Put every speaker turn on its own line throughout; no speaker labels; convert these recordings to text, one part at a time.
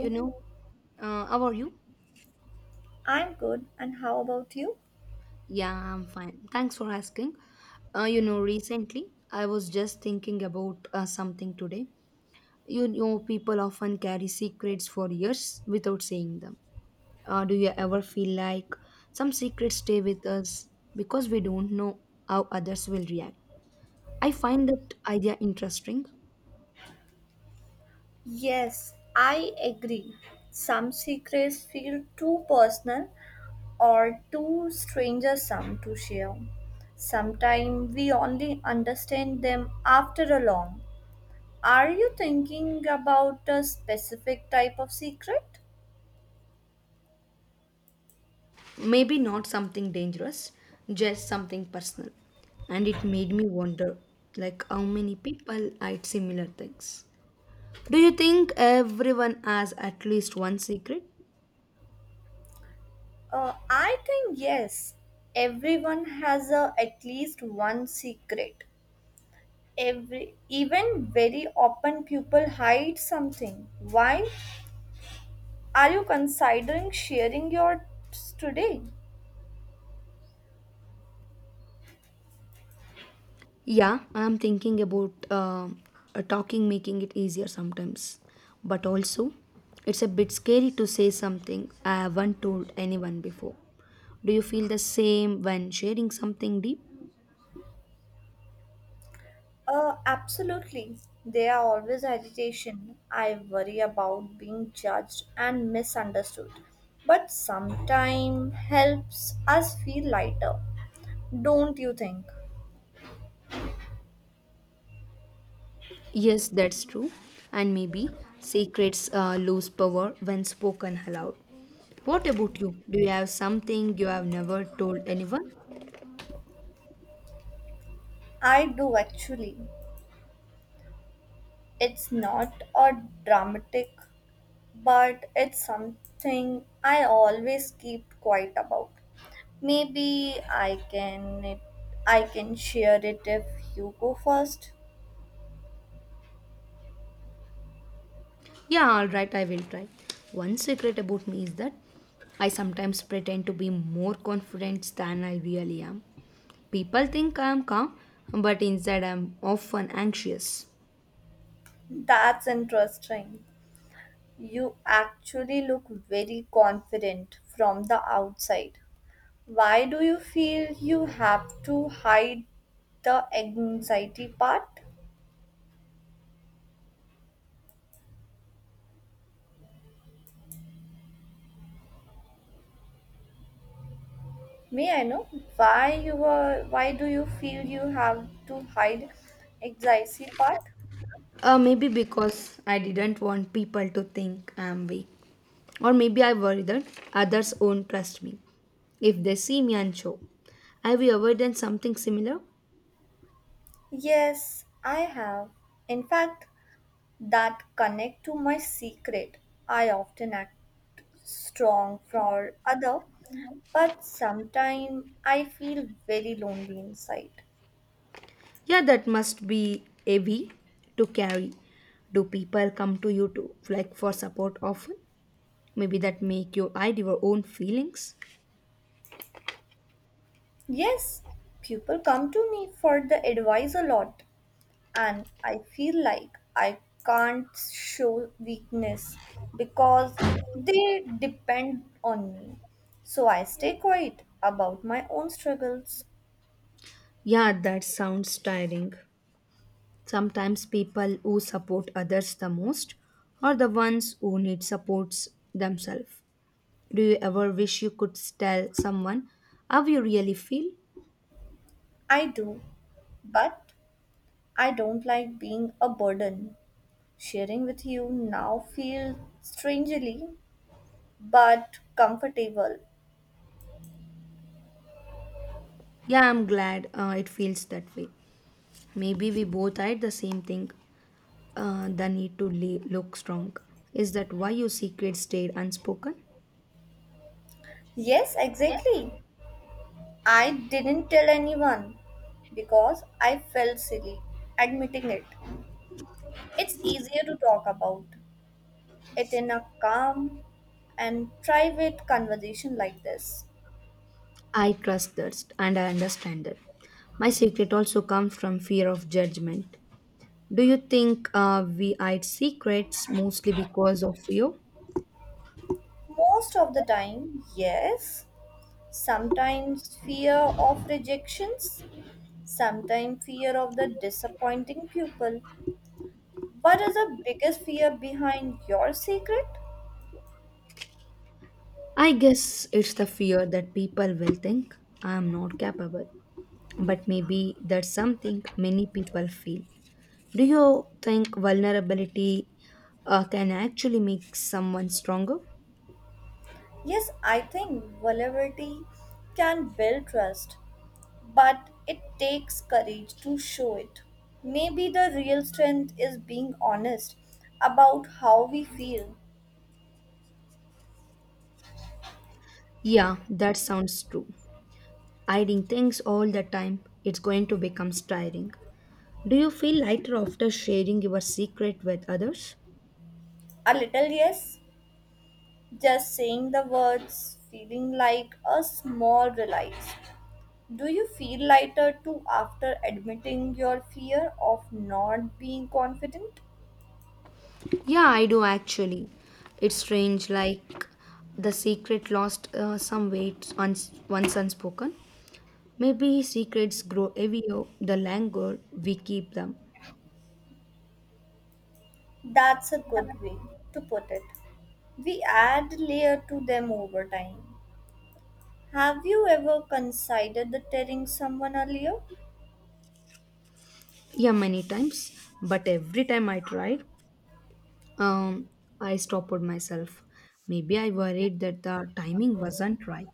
You know, how are you?
I'm good, and how about you?
Yeah, I'm fine. Thanks for asking. Recently I was just thinking about something today. You know, people often carry secrets for years without saying them. Do you ever feel like some secrets stay with us because we don't know how others will react? I find that idea interesting.
Yes, I agree. Some secrets feel too personal or too stranger some to share. Sometimes we only understand them after a long. Are you thinking about a specific type of secret?
Maybe not something dangerous, just something personal. And it made me wonder, like, how many people hide similar things. Do you think everyone has at least one secret?
I think yes. Everyone has at least one secret. Every even very open people hide something. Why? Are you considering sharing yours today?
Yeah, I'm thinking about talking, making it easier sometimes. But also, it's a bit scary to say something I haven't told anyone before. Do you feel the same when sharing something deep?
Absolutely. There are always agitation. I worry about being judged and misunderstood. But sometimes helps us feel lighter. Don't you think?
Yes, that's true. And maybe secrets lose power when spoken aloud. What about you? Do you have something you have never told anyone?
I do actually. It's not a dramatic, but it's something I always keep quiet about. Maybe I can share it if you go first.
Yeah, all right, I will try. One secret about me is that I sometimes pretend to be more confident than I really am. People think I am calm, but inside I am often anxious.
That's interesting. You actually look very confident from the outside. Why do you feel you have to hide the anxiety part? May I know why do you feel you have to hide anxiety part?
Maybe because I didn't want people to think I am weak. Or maybe I worry that others won't trust me if they see me unsure. Have you ever done something similar?
Yes, I have. In fact, that connect to my secret. I often act strong for other, but sometimes I feel very lonely inside.
Yeah, that must be heavy to carry. Do people come to you to like for support often? Maybe that make you hide your own feelings.
Yes, people come to me for the advice a lot, and I feel like I can't show weakness because they depend on me. So I stay quiet about my own struggles.
Yeah, that sounds tiring. Sometimes people who support others the most are the ones who need supports themselves. Do you ever wish you could tell someone how you really feel?
I do, but I don't like being a burden. Sharing with you now feel strangely but comfortable.
Yeah, I'm glad it feels that way. Maybe we both hide the same thing. The need to lay, look strong. Is that why your secret stayed unspoken?
Yes, exactly. I didn't tell anyone because I felt silly admitting it. It's easier to talk about it in a calm and private conversation like this.
I trust that and I understand that. My secret also comes from fear of judgment. Do you think we hide secrets mostly because of fear?
Most of the time, yes. Sometimes fear of rejections, sometimes fear of the disappointing people, what is the biggest fear behind your secret?
I guess it's the fear that people will think I am not capable. But maybe that's something many people feel. Do you think vulnerability can actually make someone stronger?
Yes, I think vulnerability can build trust, but it takes courage to show it. Maybe the real strength is being honest about how we feel.
Yeah, that sounds true. Hiding things all the time, it's going to become tiring. Do you feel lighter after sharing your secret with others?
A little yes, just saying the words, feeling like a small relief. Do you feel lighter too after admitting your fear of not being confident?
Yeah, I do actually. It's strange, like the secret lost some weight once unspoken. Maybe secrets grow heavier the longer we keep them.
That's a good way to put it. We add layer to them over time. Have you ever considered the telling someone earlier?
Yeah, many times, but every time I tried, um, I stopped myself. Maybe I worried that the timing wasn't right.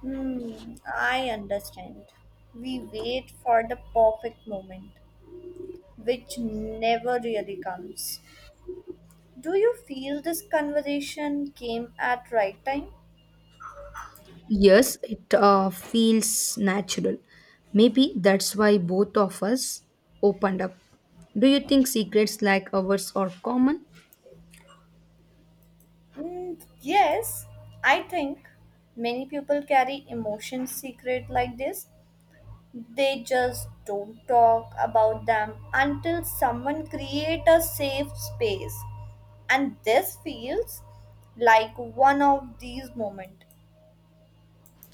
I understand. We wait for the perfect moment, which never really comes. Do you feel this conversation came at right time?
Yes, it feels natural. Maybe that's why both of us opened up. Do you think secrets like ours are common?
Mm, yes, I think many people carry emotions secret like this. They just don't talk about them until someone create a safe space. And this feels like one of these moments.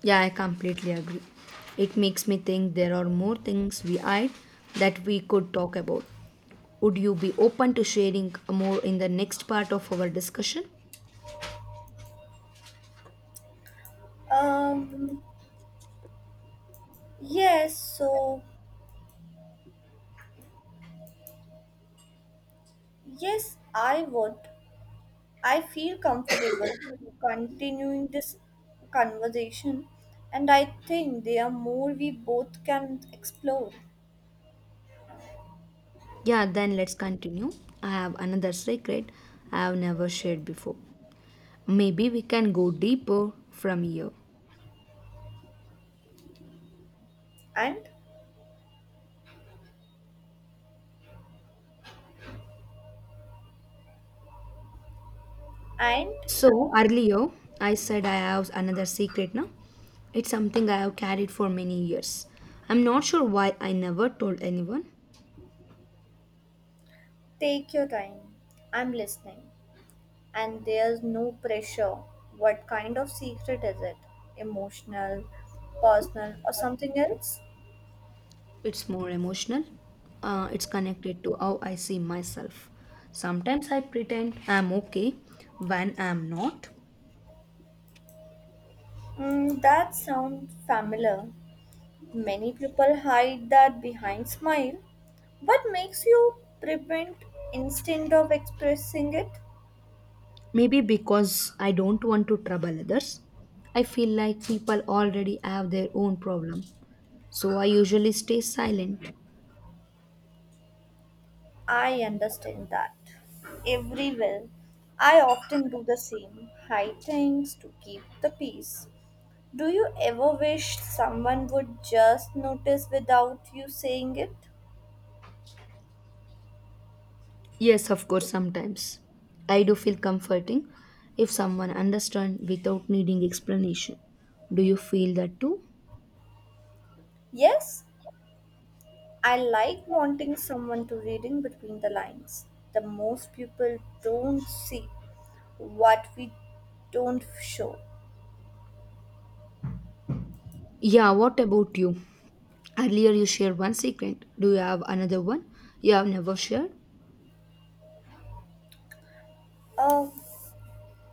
Yeah, I completely agree. It makes me think there are more things we hide that we could talk about. Would you be open to sharing more in the next part of our discussion?
Um, yes, I would. I feel comfortable continuing this conversation, and I think there are more we both can explore.
Yeah, then let's continue. I have another secret I have never shared before. Maybe we can go deeper from here.
And and
So earlier, I said I have another secret now. It's something I have carried for many years. I'm not sure why I never told anyone.
Take your time. I'm listening. And there's no pressure. What kind of secret is it? Emotional, personal, or something else?
It's more emotional. It's connected to how I see myself. Sometimes I pretend I'm okay when I'm not.
Mm, that sounds familiar. Many people hide that behind smile. What makes you prevent instinct of expressing it?
Maybe because I don't want to trouble others. I feel like people already have their own problem. So I usually stay silent.
I understand that. Everywhere. I often do the same. Hide things to keep the peace. Do you ever wish someone would just notice without you saying it?
Yes, of course, sometimes. I do feel comforting if someone understands without needing explanation. Do you feel that too?
Yes, I like wanting someone to reading between the lines. The most people don't see what we don't show.
Yeah, what about you? Earlier you shared one secret. Do you have another one you have never shared?
Uh,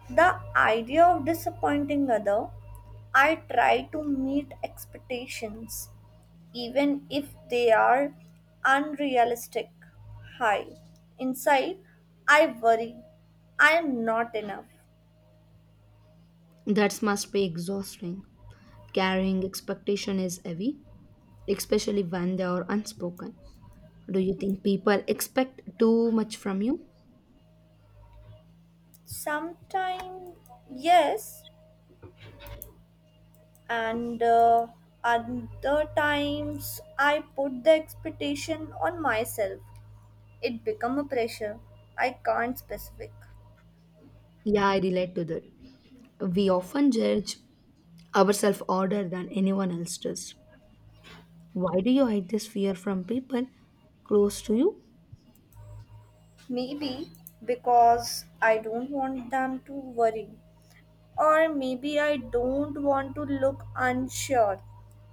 the idea of disappointing other, I try to meet expectations even if they are unrealistic. High inside, I worry I am not enough.
That must be exhausting. Carrying expectation is heavy, especially when they are unspoken. Do you think people expect too much from you?
Sometimes, yes, and other times I put the expectation on myself, it become a pressure I can't specific.
Yeah, I relate to that. We often judge ourselves harder than anyone else does. Why do you hide this fear from people close to you?
Maybe because I don't want them to worry, or maybe I don't want to look unsure.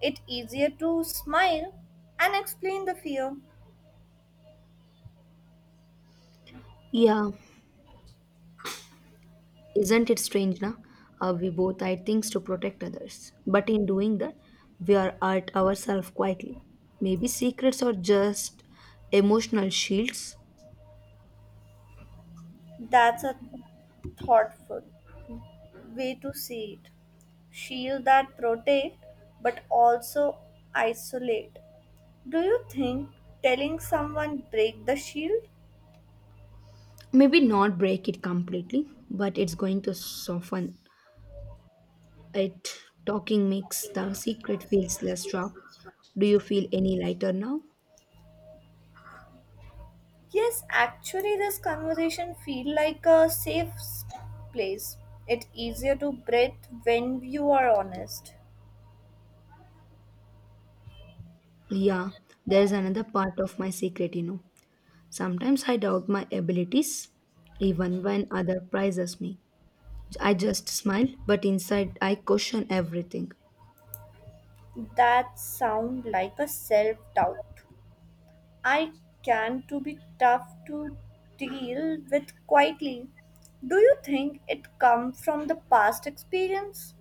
It easier to smile and explain the fear.
Yeah, isn't it strange, na? We both hide things to protect others. But in doing that, we are at ourselves quietly. Maybe secrets are just emotional shields.
That's a thoughtful way to see it. Shield that protect but also isolate. Do you think telling someone break the shield?
Maybe not break it completely, but it's going to soften it. Talking makes the secret feels less sharp. Do you feel any lighter now?
Yes, actually this conversation feel like a safe s- place. It's easier to breathe when you are honest.
Yeah, there's another part of my secret, you know. Sometimes I doubt my abilities, even when other prizes me. I just smile, but inside I question everything.
That sound like a self-doubt. I can to be tough to deal with quietly. Do you think it come from the past experience?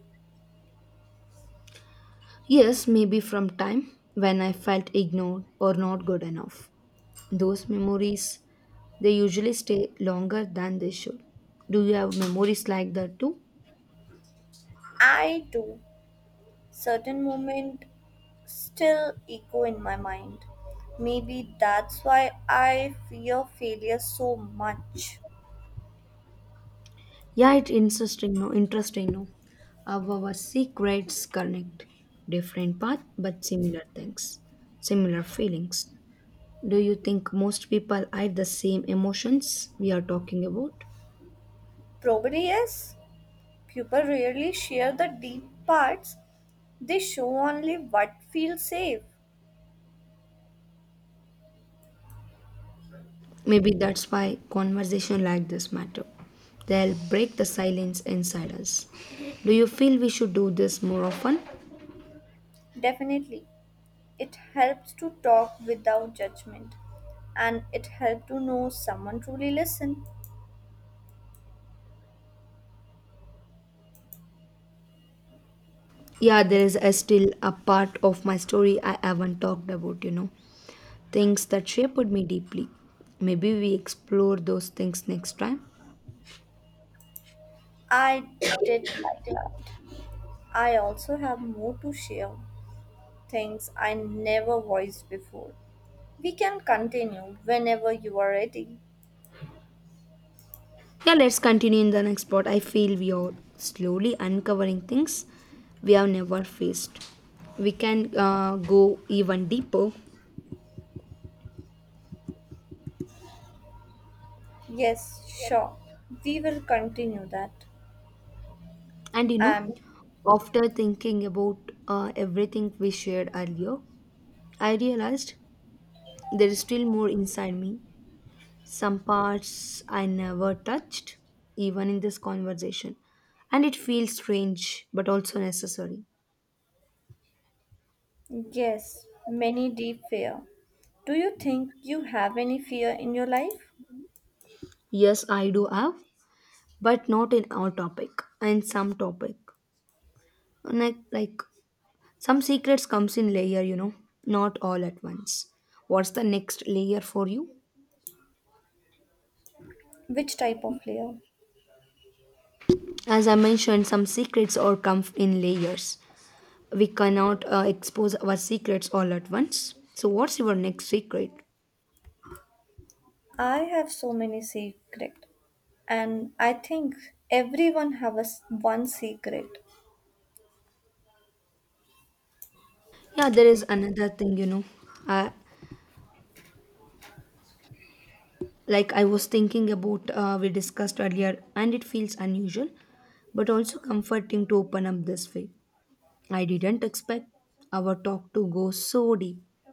Yes, maybe from time when I felt ignored or not good enough. Those memories, they usually stay longer than they should. Do you have memories like that too?
I do. Certain moment still echo in my mind. Maybe that's why I fear failure so much.
Yeah, it's interesting, no? Interesting, no? How our secrets connect different path but similar things, similar feelings. Do you think most people have the same emotions we are talking about?
Probably yes. People rarely share the deep parts, they show only what feels safe.
Maybe that's why conversation like this matter. They'll break the silence inside us. Do you feel we should do this more often?
Definitely, it helps to talk without judgment and it helps to know someone truly listen.
Yeah, there is a still a part of my story I haven't talked about, you know. Things that shaped me deeply. Maybe we explore those things next time.
I did like that. I also have more to share, things I never voiced before. We can continue whenever you are ready.
Yeah, let's continue in the next part. I feel we are slowly uncovering things we have never faced. We can go even deeper.
Yes, sure. We will continue that.
And you know,
And
after thinking about everything we shared earlier, I realized there is still more inside me, some parts I never touched, even in this conversation. And it feels strange, but also necessary.
yes, many deep fear. Do you think you have any fear in your life?
Yes, I do have, but not in our topic, and some topic. Like some secrets comes in layer, you know, not all at once. What's the next layer for you?
Which type of fear?
As I mentioned, some secrets all come in layers. We cannot expose our secrets all at once, so what's your next secret?
I have so many secret, and I think everyone have a s- one secret.
Yeah, there is another thing, you know, uh, like I was thinking about we discussed earlier and it feels unusual but also comforting to open up this way. I didn't expect our talk to go so deep.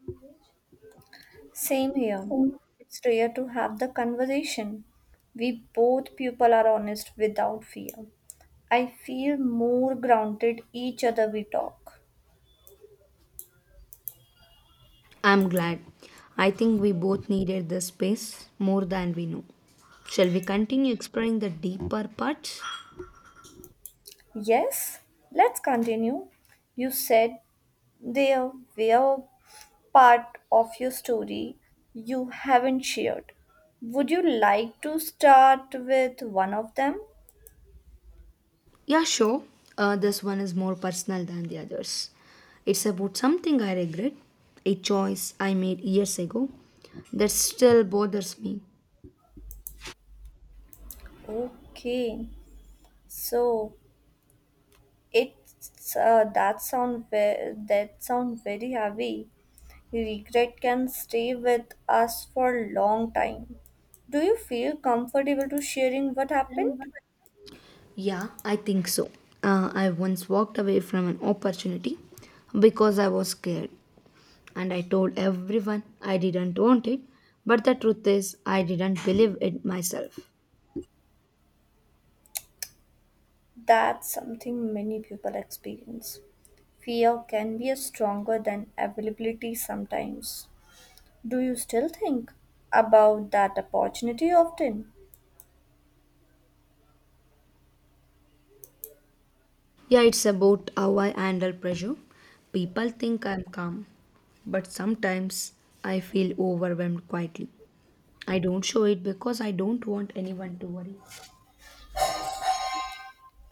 Same here. It's rare to have the conversation. We both people are honest without fear. I feel more grounded each other we talk.
I'm glad. I think we both needed this space more than we know. Shall we continue exploring the deeper parts?
Yes, let's continue. You said there were part of your story you haven't shared. Would you like to start with one of them?
Yeah, sure. This one is more personal than the others. It's about something I regret, a choice I made years ago that still bothers me.
Okay. So it's that sound ve- that sound very heavy. Regret can stay with us for a long time. Do you feel comfortable to sharing what happened?
Yeah, I think so. I once walked away from an opportunity because I was scared. And I told everyone I didn't want it, but the truth is, I didn't believe it myself.
That's something many people experience. Fear can be stronger than availability sometimes. Do you still think about that opportunity often?
Yeah, it's about how I handle pressure. People think I'm calm, but sometimes I feel overwhelmed quietly. I don't show it because I don't want anyone to worry.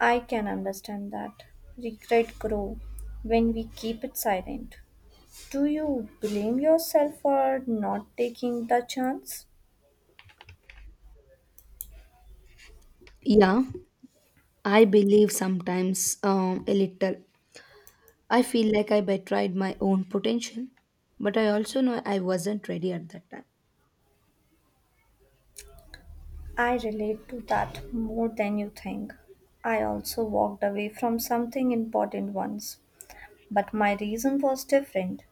I can understand that. Regret grow when we keep it silent. Do you blame yourself for not taking the chance?
Yeah, I believe sometimes a little I feel like I betrayed my own potential, but I also know I wasn't ready at that time.
I relate to that more than you think. I also walked away from something important once, but my reason was different.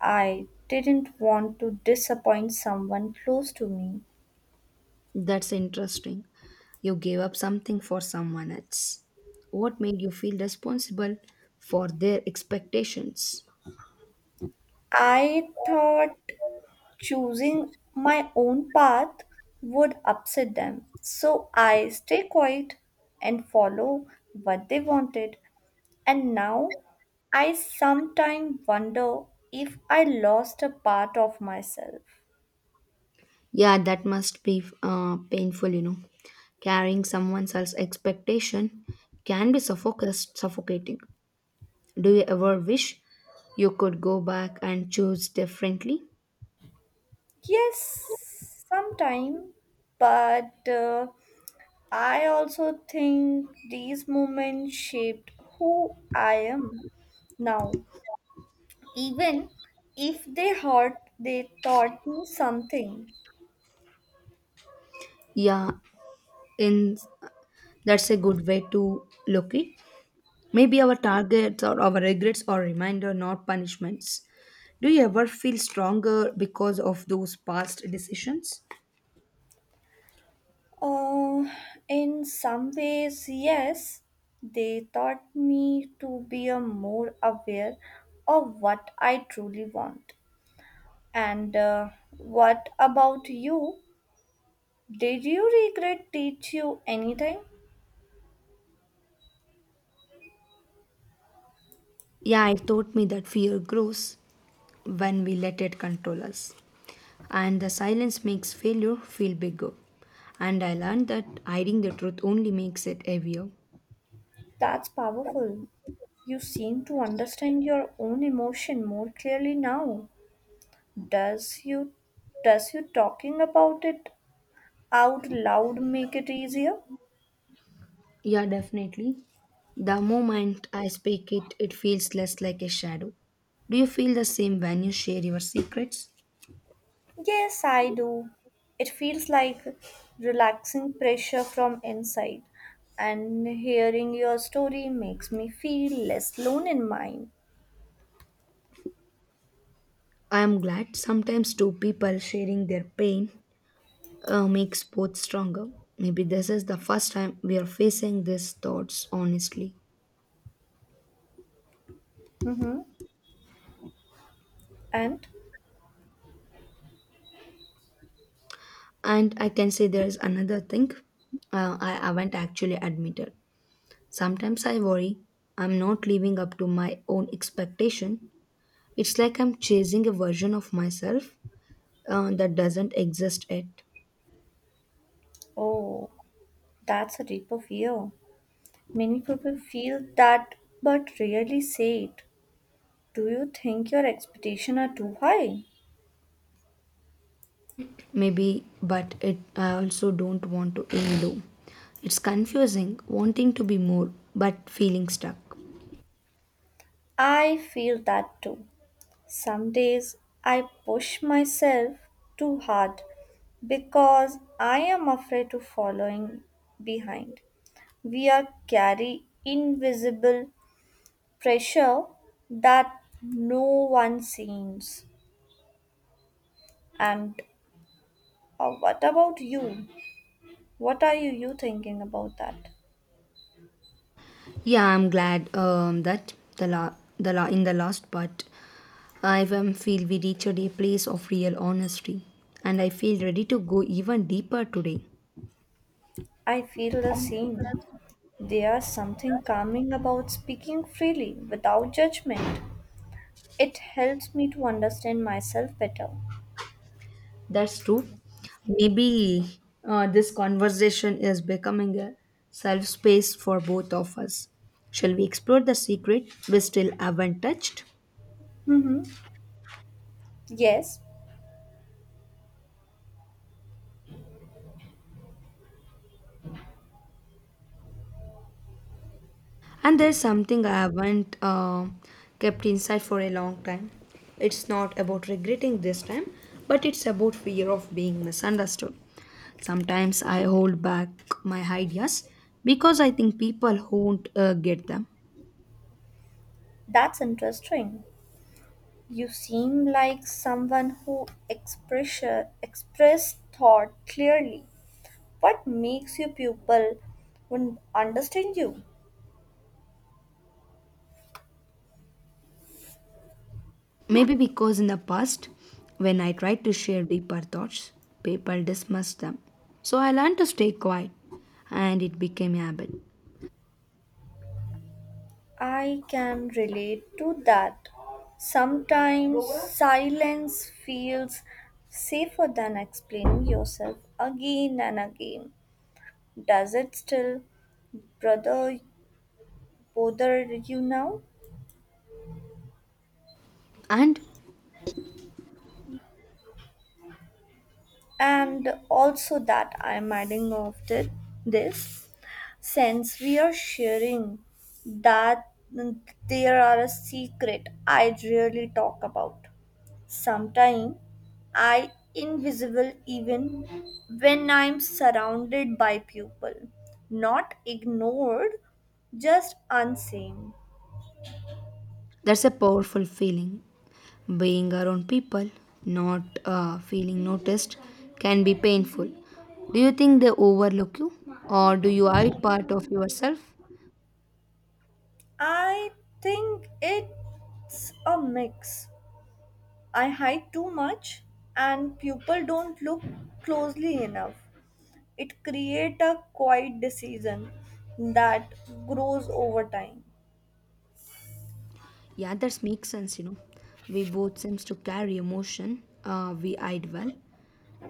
I didn't want to disappoint someone close to me.
That's interesting. You gave up something for someone else. What made you feel responsible for their expectations?
I thought choosing my own path would upset them. So I stay quiet and follow what they wanted. And now I sometimes wonder if I lost a part of myself.
Yeah, that must be painful, you know. Carrying someone else's expectation can be suffocating. Do you ever wish you could go back and choose differently?
Yes, sometime, but I also think these moments shaped who I am now. Even if they hurt, they taught me something.
Yeah, in That's a good way to look it. Maybe our targets or our regrets are reminder, not punishments. Do you ever feel stronger because of those past decisions?
Uh, in some ways, yes, they taught me to be a more aware of what I truly want. And what about you? Did you regret teach you anything?
Yeah, it taught me that fear grows when we let it control us. And the silence makes failure feel bigger. And I learned that hiding the truth only makes it heavier.
That's powerful. You seem to understand your own emotion more clearly now. Does you does you talking about it out loud make it easier?
Yeah, definitely. The moment I speak it, it feels less like a shadow. Do you feel the same when you share your secrets?
Yes, I do. It feels like relaxing pressure from inside, and hearing your story makes me feel less alone in mine.
I am glad sometimes two people sharing their pain makes both stronger. Maybe this is the first time we are facing these thoughts honestly.
Mm-hmm. And
And I can say there is another thing I haven't actually admitted. Sometimes I worry I'm not living up to my own expectation. It's like I'm chasing a version of myself that doesn't exist yet.
oh, that's a deeper fear. Many people feel that but rarely say it. Do you think your expectations are too high?
Maybe, but it I also don't want to aim low. It's confusing, wanting to be more, but feeling stuck.
I feel that too. Some days I push myself too hard because I am afraid of following behind. We are carry invisible pressure that no one sees. And what about you? What are you thinking about that?
Yeah, I'm glad that in the last part, I feel we reached a place of real honesty, and I feel ready to go even deeper today.
I feel the same. There's something calming about speaking freely without judgment. It helps me to understand myself better.
That's true. Maybe this conversation is becoming a self space for both of us. Shall we explore the secret we still haven't touched?
Mm-hmm. Yes,
And there's something I haven't kept inside for a long time. It's not about regretting this time, but it's about fear of being misunderstood. Sometimes I hold back my ideas because I think people won't get them.
that's interesting. You seem like someone who express thought clearly. What makes your pupil would understand you?
Maybe because in the past, when I tried to share deeper thoughts, people dismissed them. So I learned to stay quiet and it became a habit.
I can relate to that. Sometimes silence feels safer than explaining yourself again and again. Does it still brother bother you now?
And
And also that I'm adding this since we are sharing that mm, there are a secret I really talk about. Sometimes I invisible even when I'm surrounded by people, not ignored, just unseen.
That's a powerful feeling. Being around people, not feeling noticed, can be painful. Do you think they overlook you, or do you hide part of yourself?
I think it's a mix. I hide too much and people don't look closely enough. It creates a quiet decision that grows over time.
Yeah, that makes sense. You know, we both seems to carry emotion. We hide well.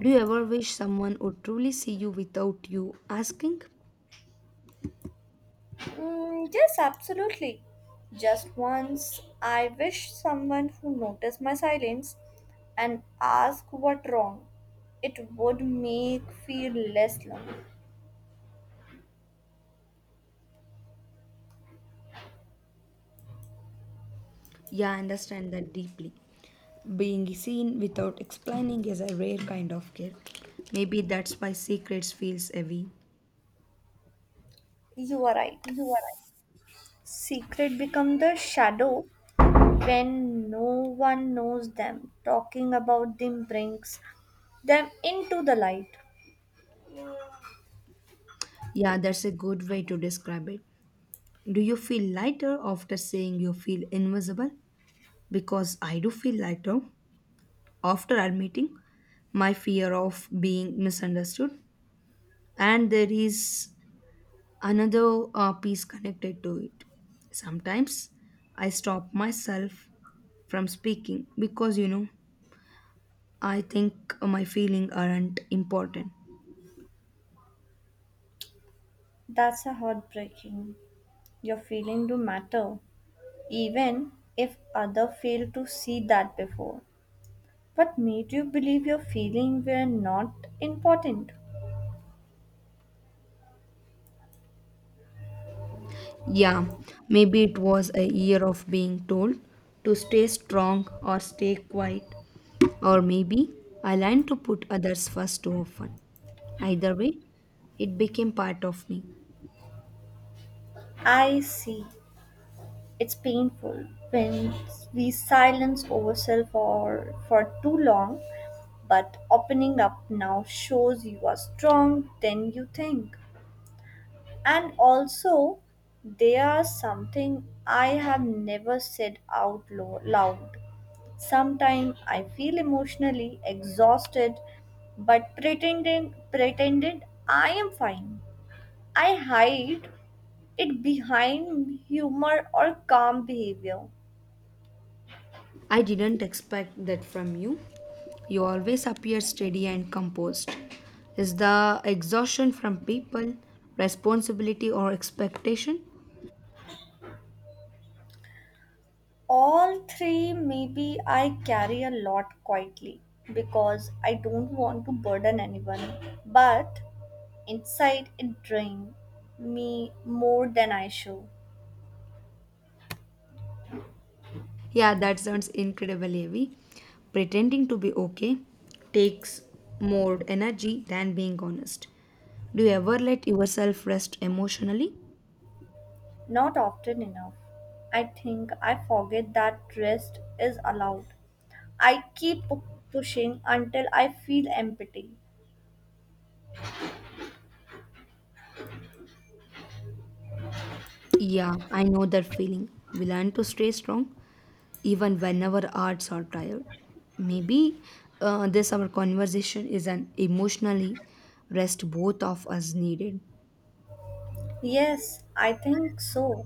Do you ever wish someone would truly see you without you asking?
Mm, yes, absolutely. Just once, I wish someone who noticed my silence and asked what wrong. It would make feel less lonely.
Yeah, I understand that deeply. Being seen without explaining is a rare kind of care. Maybe that's why secrets feels heavy.
You are right. Secret become the shadow when no one knows them. Talking about them brings them into the light.
Yeah, that's a good way to describe it. Do you feel lighter after saying you feel invisible? Because I do feel lighter after admitting my fear of being misunderstood. And there is another piece connected to it. Sometimes I stop myself from speaking because, you know, I think my feelings aren't important.
That's a heartbreaking. Your feeling do matter, even if other fail to see that before. What made you believe your feelings were not important?
Yeah, maybe it was a year of being told to stay strong or stay quiet. Or maybe I learned to put others first too often. Either way, it became part of me.
I see. It's painful when we silence ourselves for too long, but opening up now shows you are strong than you think. And also, there is something I have never said out lo- loud. Sometimes I feel emotionally exhausted, but pretending pretended I am fine. I hide it behind humor or calm behavior.
I didn't expect that from you. You always appear steady and composed. Is the exhaustion from people, responsibility, or expectation?
All three, maybe I carry a lot quietly because I don't want to burden anyone. But inside, it drains me more than I show.
Yeah, that sounds incredibly heavy. Pretending to be okay takes more energy than being honest. Do you ever let yourself rest emotionally?
Not often enough. I think I forget that rest is allowed. I keep pushing until I feel empty.
Yeah, I know that feeling. We learn to stay strong even whenever hearts are tired. Maybe this our conversation is an emotionally rest both of us needed.
Yes, I think so.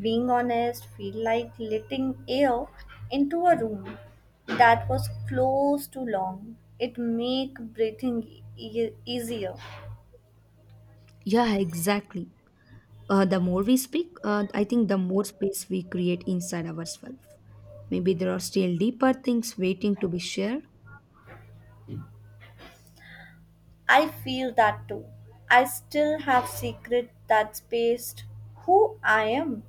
Being honest feel like letting air into a room that was closed too long. It make breathing easier.
Yeah, exactly. The more we speak, I think the more space we create inside ourselves. Maybe there are still deeper things waiting to be shared.
I feel that too. I still have secret that spaced who I am.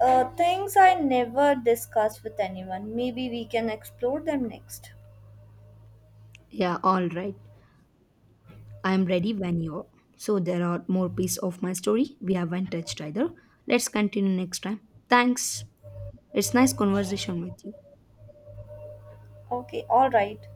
Things I never discuss with anyone. Maybe we can explore them next.
Yeah, all right. I am ready when you are. So there are more pieces of my story we haven't touched either. Let's continue next time. Thanks. It's nice conversation with you.
Okay, all right.